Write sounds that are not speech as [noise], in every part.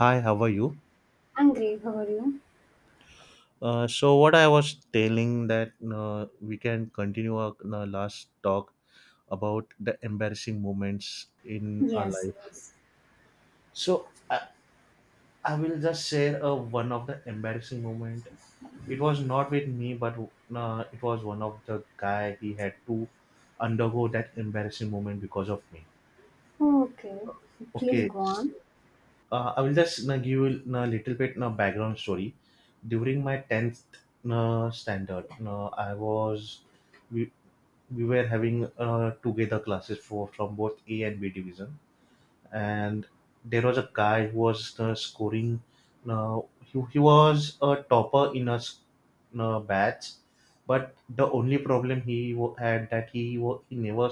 Hi, how are you? I'm great. How are you? So what I was telling that we can continue our last talk about the embarrassing moments in our Yes, life. yes. So I, I will just share one of the embarrassing moment. It was not with me, but it was one of the guy. He had to undergo that embarrassing moment because of me. Okay. Please Okay, go on. I will just na give you na little bit na background story. During my 10th na standard, na I was we we were having together classes for from both A and B division, and there was a guy who was scoring. Uh, he was a topper in na batch, but the only problem had that he wa- he never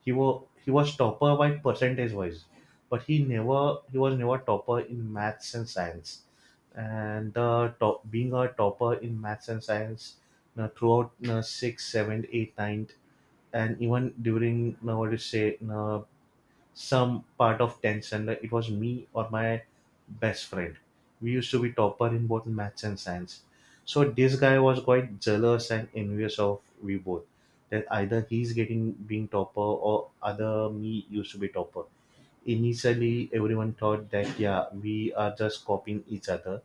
he was he was topper by percentage wise, but he was never topper in maths and science. And top being a topper in maths and science throughout six, seven, eight, nine, and even during what do you say some part of tension. Like it was me or my best friend we used to be topper in both maths and science, so this guy was quite jealous and envious of we both, that either he's getting being topper or other me used to be topper. Initially everyone thought that yeah we are just copying each other,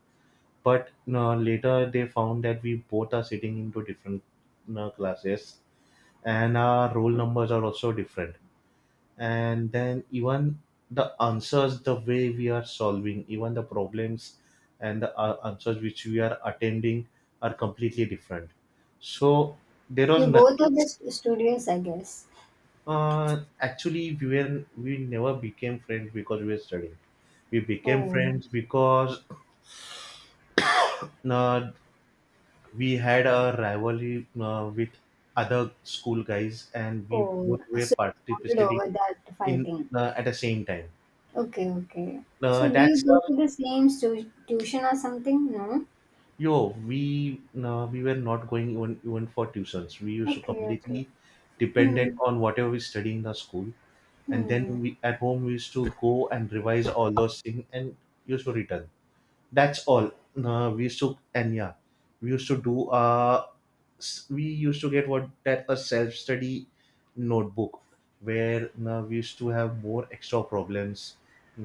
but no, later they found that we both are sitting into different, no, classes, and our roll numbers are also different, and then even the answers, the way we are solving even the problems and the answers which we are attending are completely different. So there was You both are nothing. just studious, I guess. Actually, we never became friends because we were studying. We became Oh, friends because uh, we had a rivalry with other school guys and we oh. both were So you bonded participating over that in fighting. At the same time. Okay, okay. So do you That's go a to the same tuition or something? No? Yo, we were not going even for tuitions. We used to Okay, okay. completely dependent Hmm. on whatever we study in the school, and then Hmm. we at home we used to go and revise all those things and used to return. That's all. We used to, and yeah, we used to do we used to get what that a self study notebook where we used to have more extra problems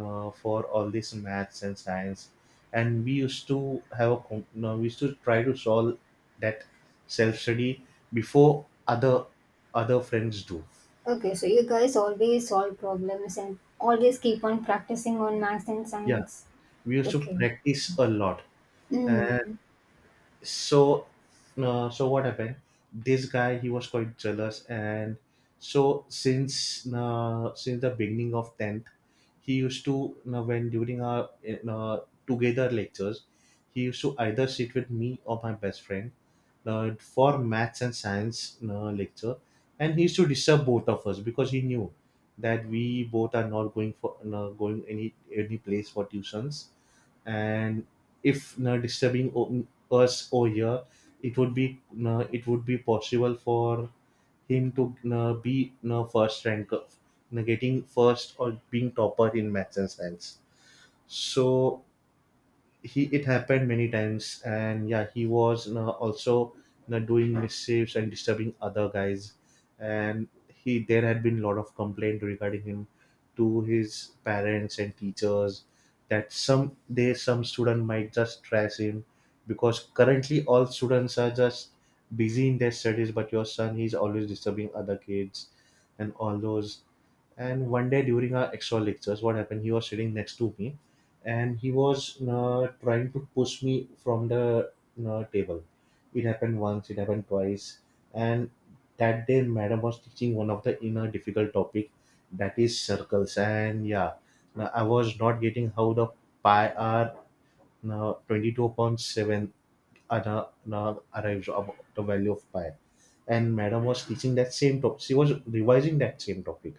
for all this maths and science, and we used to have a we used to try to solve that self study before other friends do. Okay, so you guys always solve problems and always keep on practicing on maths and Yeah, science. we used to Okay. practice a lot. Hmm. so so what happened, this guy he was quite jealous. And so since the beginning of 10th he used to, you know, when during our uh, together lectures he used to either sit with me or my best friend for maths and science lecture, and he used to disturb both of us because he knew that we both are not going for going any place for tuitions, and if, you know, us over here, it would be possible for him to be first ranker, getting first or being topper in maths and science. So he it happened many times and yeah he was, you know, also, you know, doing mischiefs and disturbing other guys. And he there had been a lot of complaint regarding him to his parents and teachers that some day some student might just trash him, because currently all students are just busy in their studies but your son he's always disturbing other kids and all those. And one day during our extra lectures, what happened, he was sitting next to me and he was trying to push me from the table. It happened once, it happened twice, and that day madam was teaching one of the inner difficult topic, that is circles, and yeah, now I was not getting how the pi r, now 22 upon 7, now arrives about the value of pi, and madam was teaching that same topic, she was revising that same topic,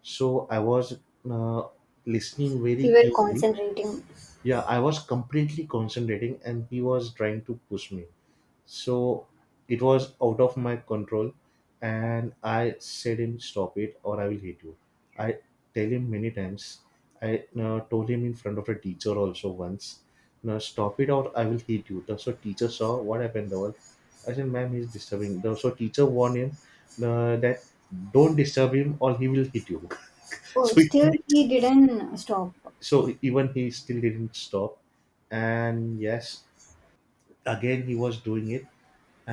so I was uh, listening You very were keenly. concentrating. Yeah, I was completely concentrating and he was trying to push me. So it was out of my control and I said him stop it or I will hit you. I tell him many times. I told him in front of a teacher also once. Now stop it or I will hit you. The- So teacher saw what happened. The wall. I said, ma'am, he's disturbing. The- So teacher warned him that don't disturb him or he will hit you. [laughs] Oh, so he still he didn't stop. so even he still didn't stop, and yes again he was doing it,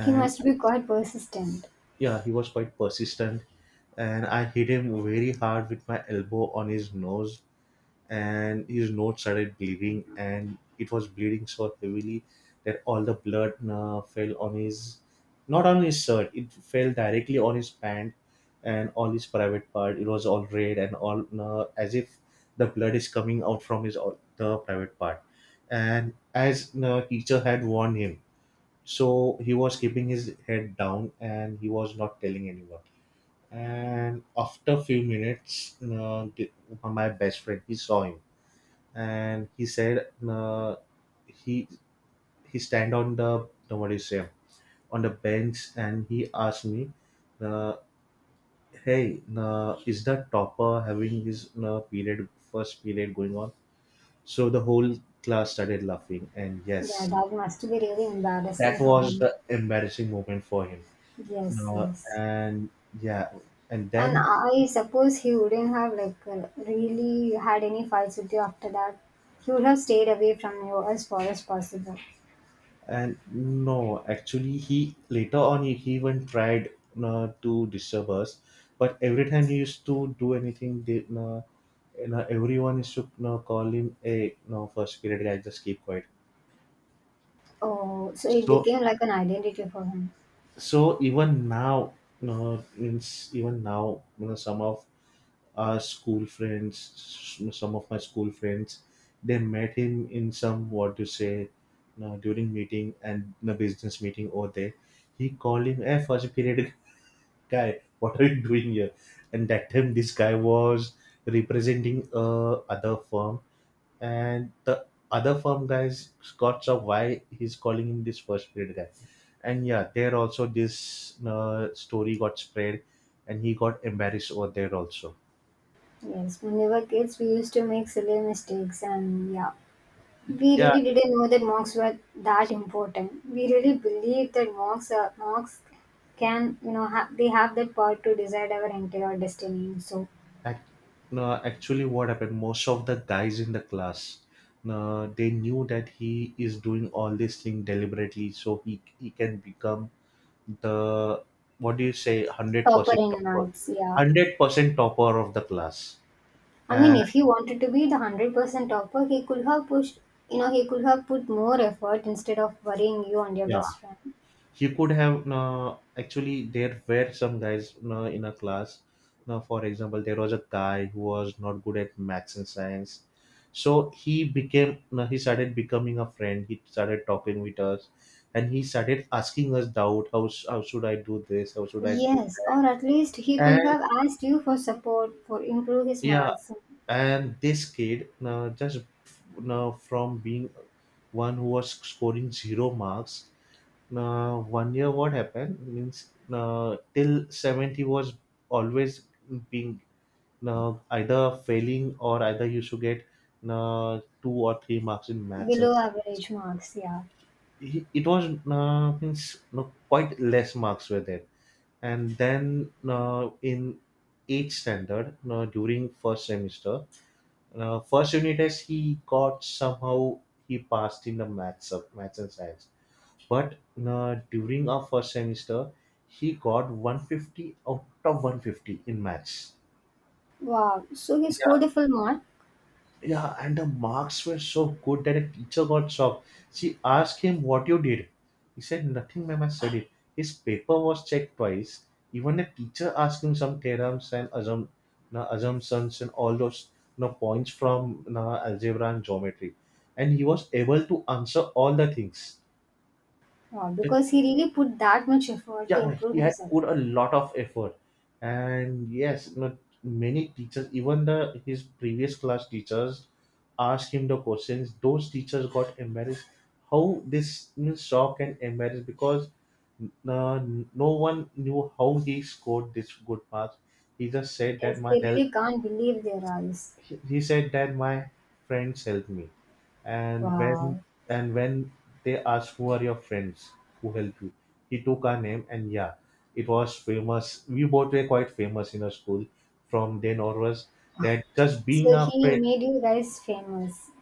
He must be quite persistent. yeah he was quite persistent, and I hit him very hard with my elbow on his nose, and his nose started bleeding, and it was bleeding so heavily that all the blood fell on his, not on his shirt, it fell directly on his pant, and all his private part, it was all red and all as if the blood is coming out from his all the private part. And as the teacher had warned him, so he was keeping his head down and he was not telling anyone. And after few minutes my best friend he saw him, and he said, he he stand on the no, what do you say, on the bench, and he asked me, uh, hey is the topper having his period, first period going on? So the whole class started laughing, and yes, Yeah, that must be really embarrassing that for was him. the embarrassing moment for him. Yes, uh, yes. and yeah, and And then, I suppose he wouldn't have like really had any fights with you after that. He would have stayed away from you as far as possible. and no, actually, he later on he even tried to disturb us, but every time he used to do anything, you know, everyone used to, you know, call him a no first period guy. Just keep quiet. Oh, so it So became like an identity for him. so even now, you know, means even now, you know, some of our school friends, some of my school friends, they met him in some what to say, you know, during meeting and the business meeting over there, he called him a first period guy, what are you doing here? And that time this guy was representing other firm, and the other firm guys got, so why he's calling him this first period guy? And yeah there also this story got spread and he got embarrassed over there also. Yes, when we were kids, we used to make silly mistakes, and yeah, we yeah really didn't know that monks were that important. We really believe that monks monks can they have that power to decide our entire destiny. So act, no, actually what happened, most of the guys in the class they knew that he is doing all this thing deliberately so he can become the what do you say topper 100% in topper, maths, yeah. 100% topper of the class. I mean, And if he wanted to be the 100% topper, he could have pushed. You know, he could have put more effort instead of worrying you and your yeah best friend. he could have actually there were some guys in a class, now for example there was a guy who was not good at maths and science, so he started becoming a friend, he started talking with us and he started asking us doubt how, how should I do this, how should I do Yes, that. or at least he could And have asked you for support for improve his yeah, marks and this kid just from being one who was scoring zero marks. Now, one year, what happened means till 70 was always being either failing or either you should get two or three marks in maths. And below science. average marks. Yeah. It was means no, quite less marks were there. And then in 8th standard, during first semester, first unit test, he got somehow he passed in the maths of maths and science, but during our first semester, he got 150 out of 150 in maths. Wow. So he scored Yeah, a full mark. yeah, and the marks were so good that a teacher got shocked. She asked him what you did. He said, nothing, ma'am, I studied. His paper was checked twice. Even the teacher asked him some theorems and assumptions and all those na, points from na, algebra and geometry. And he was able to answer all the things. Wow, because he really put that much effort to Yeah improve he had himself. put a lot of effort, and yes not many teachers, even the his previous class teachers, asked him the questions, those teachers got embarrassed how this means shock and embarrassed, because uh, no one knew how he scored this good marks. He just said that Yes, my they health really can't believe their eyes. He said that my friends helped me. And when Wow. and when they asked who are your friends who help you, he took our name, and yeah it was famous, we both were quite famous in our school from then onwards, that just being So a he friend. made you guys famous.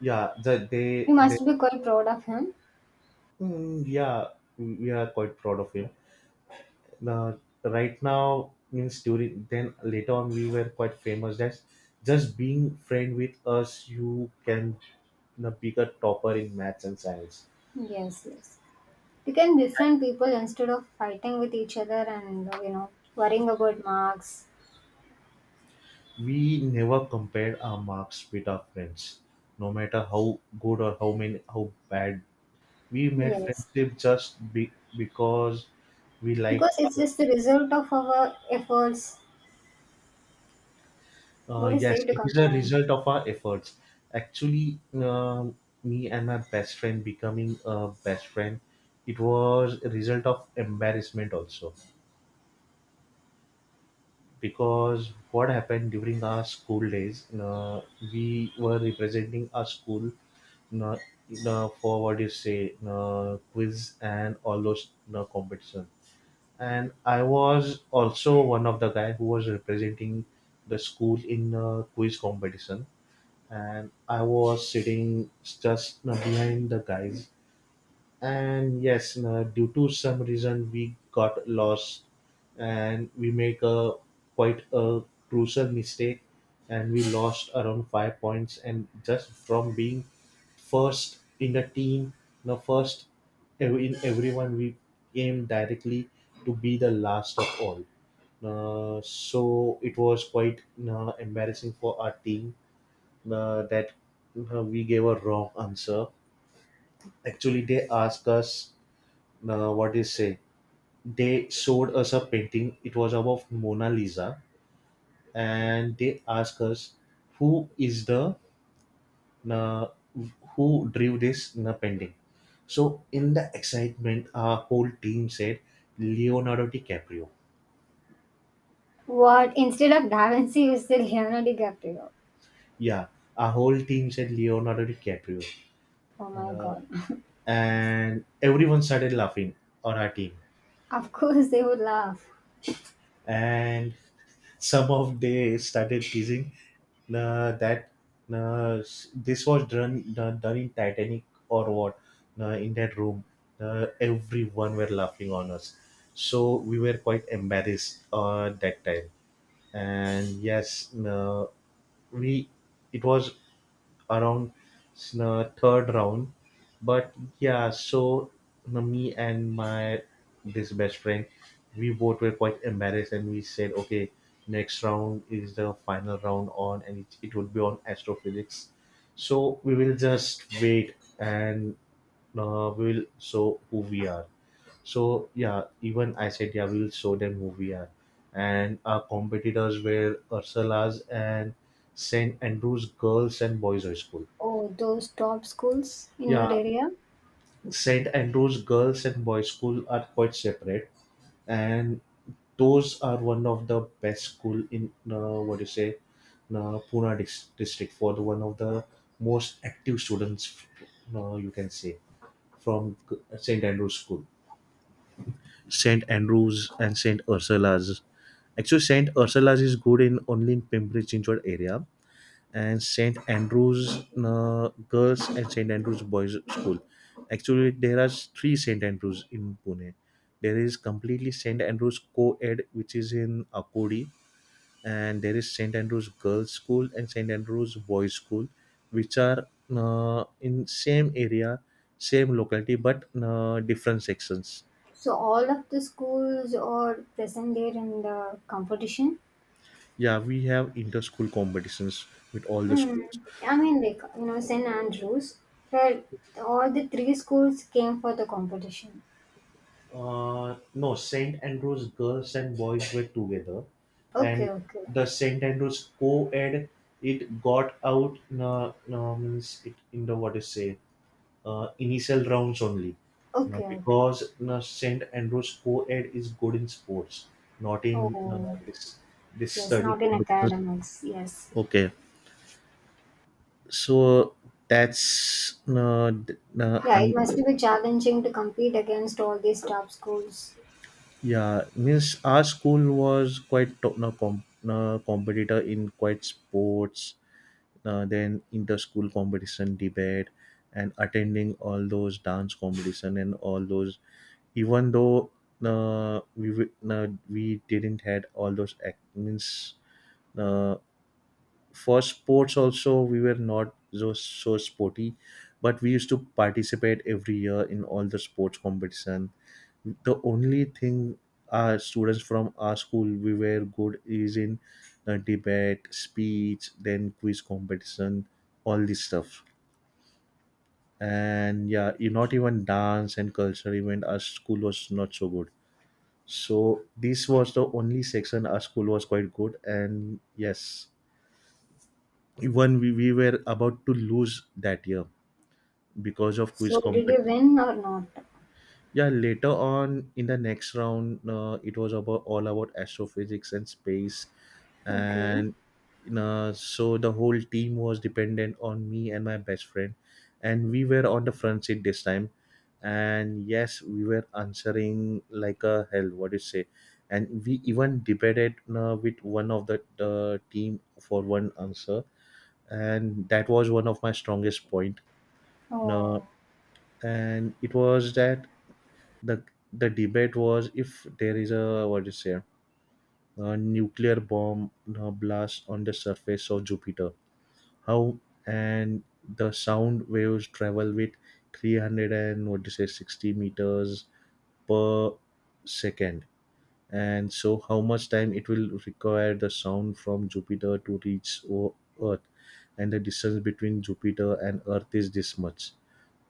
Yeah that You they must be quite proud of him. Mm, yeah, we are quite proud of him. Now, right now means during then later on we were quite famous. That's just being friend with us. You can, you know, pick a topper in maths and science. Yes, yes. You can befriend people instead of fighting with each other and worrying about marks. We never compared our marks with our friends, no matter how good or how bad. We made Yes. friendship just because we liked Because it's our... just the result of our efforts. What is Yes, there to it is a complain? result of our efforts. Actually, me and my best friend becoming a best friend, it was a result of embarrassment also. Because what happened during our school days, we were representing our school uh, for what you say, quiz and all those competition. And I was also one of the guy who was representing the school in a quiz competition, and I was sitting just behind the guys. And yes, due to some reason, we got lost and we make a quite a crucial mistake, and we lost around 5 points, and just from being first in the team, the first in everyone, we came directly to be the last of all. So it was quite embarrassing for our team, that we gave a wrong answer. Actually, they asked us what they say. They showed us a painting. It was about Mona Lisa, and they asked us who is the uh, who drew this painting. So in the excitement, our whole team said Leonardo DiCaprio. What? Instead of Da Vinci, you still Leonardo DiCaprio. Yeah, our whole team said Leonardo DiCaprio, Oh my uh, god. [laughs] and everyone started laughing on our team. Of course, they would laugh. And some of they started teasing uh, that this was done in Titanic or what, in that room. Everyone were laughing on us, so we were quite embarrassed that time. And yes, we it was around third round. But yeah, so me and my this best friend, we both were quite embarrassed, and we said, okay, next round is the final round on, and it would be on astrophysics. So we will just wait and we will show who we are. So yeah, even I said, yeah, we will show them who we are. And our competitors were Ursula's and St. Andrew's Girls and Boys High School. Oh, those top schools in your Yeah, area. St. Andrew's Girls and Boys School are quite separate, and those are one of the best school in what do you say, Pune district for the one of the most active students, you can say, from St. Andrew's School. St. Andrew's and St. Ursula's. Actually, St. Ursula's is good in only in Pimpri Chinchwad area, and St. Andrew's Girls and St. Andrew's Boys School. Actually, there are three St. Andrew's in Pune. There is completely St. Andrew's Co-ed, which is in Akodi, and there is St. Andrew's Girls School and St. Andrew's Boys School, which are in same area, same locality, but different sections. So all of the schools are present there in the competition. Yeah, we have inter-school competitions with all the Mm. schools. I mean, like St. Andrews, where all the three schools came for the competition. No, St. Andrew's girls and boys were together, Okay, and okay, the St. Andrew's co-ed, it got out means it in the what is say initial rounds only, uh, okay, okay. because uh, St. Andrew's co-ed is good in sports, not in Oh, this this yes, study not in competitions. academics. Yes, Okay, so that's yeah, it must be challenging to compete against all these top schools. yeah, means our school was quite to- no, com- no, competitor in quite sports, then inter-school competition, debate, and attending all those dance competition and all those. Even though we didn't had all those means uh, for sports also we were not so, so sporty, but we used to participate every year in all the sports competition. The only thing our students from our school we were good is in debate, speech, then quiz competition, all this stuff. And yeah, you not even dance and culture event our school was not so good, so this was the only section our school was quite good. And yes, even we were about to lose that year because of quiz So, did you competition. win or not? Yeah, later on in the next round it was about all about astrophysics and space. Okay. And so the whole team was dependent on me and my best friend, and we were on the front seat this time, and yes we were answering like a hell, what do you say, and we even debated with one of the team for one answer, and that was one of my strongest point Oh. now. And it was that the the debate was, if there is a, what do you say, a nuclear bomb blast on the surface of Jupiter, how, and the sound waves travel with 300 and, what do you say, 60 meters per second, and so how much time it will require the sound from Jupiter to reach Earth, and the distance between Jupiter and Earth is this much.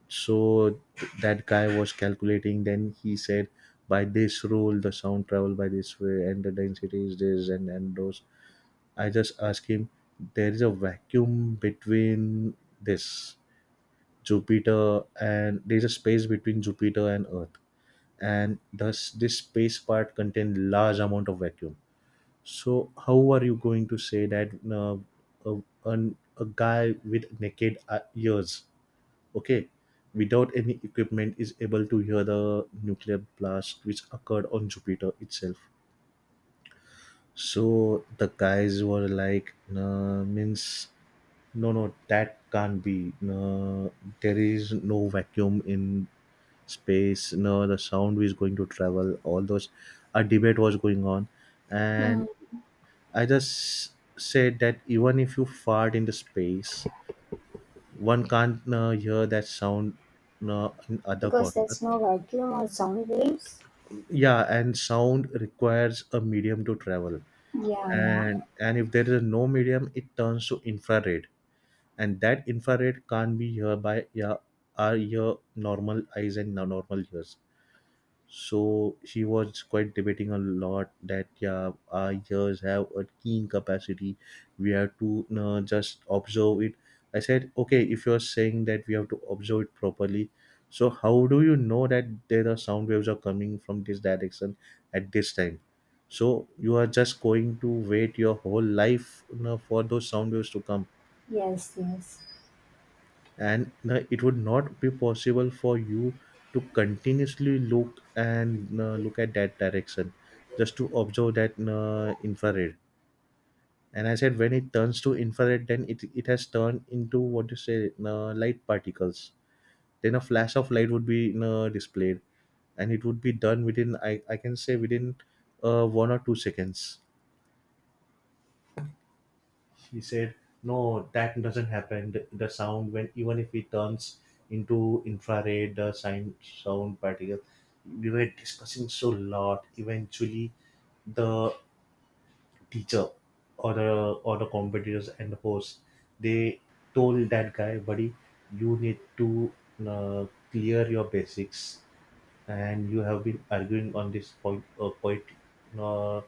So that guy was calculating. Then he said, by this rule, the sound travel by this way, and the density is this and those. I just asked him, there is a vacuum between this Jupiter, and there is a space between Jupiter and Earth, and thus this space part contains large amount of vacuum, so how are you going to say that a guy with naked ears, okay, without any equipment is able to hear the nuclear blast which occurred on Jupiter itself? So the guys were like, nah, means no, no, that can't be. Nah, there is no vacuum in space. No, the sound is going to travel. All those, a debate was going on, Hmm. and I just said that even if you fart in the space, one can't hear that sound in other Because corner. there's no vacuum or sound waves? Yeah, and sound requires a medium to travel, Yeah, and yeah. If there is no medium, it turns to infrared, and that infrared can't be heard by, yeah, our your normal eyes and normal ears. So she was quite debating a lot that, yeah, our ears have a keen capacity. We have to just observe it. I said, okay, if you're saying that we have to observe it properly, so how do you know that there are sound waves are coming from this direction at this time? So you are just going to wait your whole life, you know, for those sound waves to come, Yes, yes. and it would not be possible for you to continuously look and look at that direction just to observe that infrared. And I said, when it turns to infrared, then it has turned into, what you say, light particles, then a flash of light would be displayed, and it would be done within I can say within 1 or 2 seconds. He said, no, that doesn't happen, the sound, when even if it turns into infrared, the sound particle. We were discussing so lot. Eventually, the teacher or the or the competitors and the host, they told that guy, buddy, you need to uh, clear your basics, and you have been arguing on this point quite uh,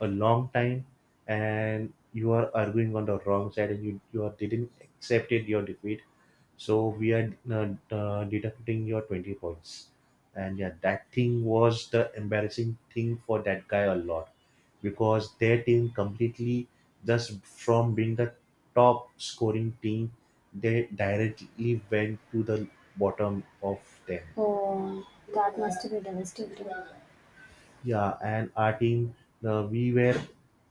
a long time, and you are arguing on the wrong side, and you are, didn't accepted your defeat, so we are deducting your 20 points. And yeah, that thing was the embarrassing thing for that guy a lot, because their team completely, just from being the top scoring team, they directly went to the bottom of them. Oh, that must be devastating. Yeah, and our team, uh, we were,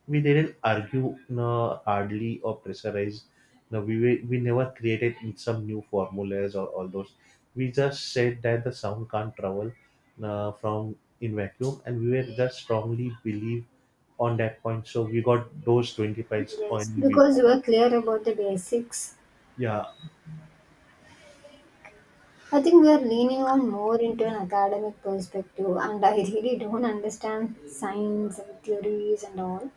we didn't argue hardly or pressurize. No, we never created some new formulas or all those. We just said that the sound can't travel from in vacuum, and we were just strongly believe on that point. So we got those twenty fives on Yes. we. Because Won. you are clear about the basics. Yeah. I think we are leaning on more into an academic perspective, and I really don't understand science and theories and all.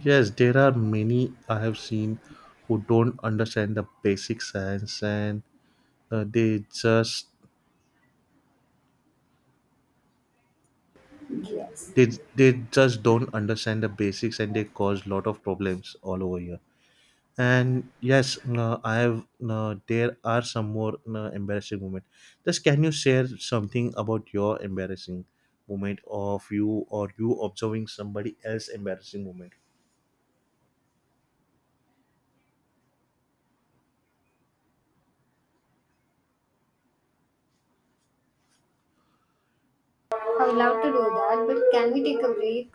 Yes, there are many I have seen who don't understand the basic science, and uh, they just Yes, they they just don't understand the basics, and they cause lot of problems all over here. And yes, I have, there are some more embarrassing moment. Just can you share something about your embarrassing moment of you or you observing somebody else embarrassing moment? I would love to do that, but can we take a break?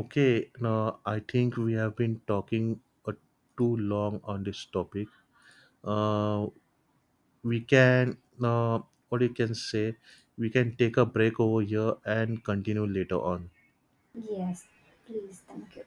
Okay, now I think we have been talking uh, too long on this topic. uh, we can, or you can say, we can take a break over here and continue later on. Yes, please, thank you.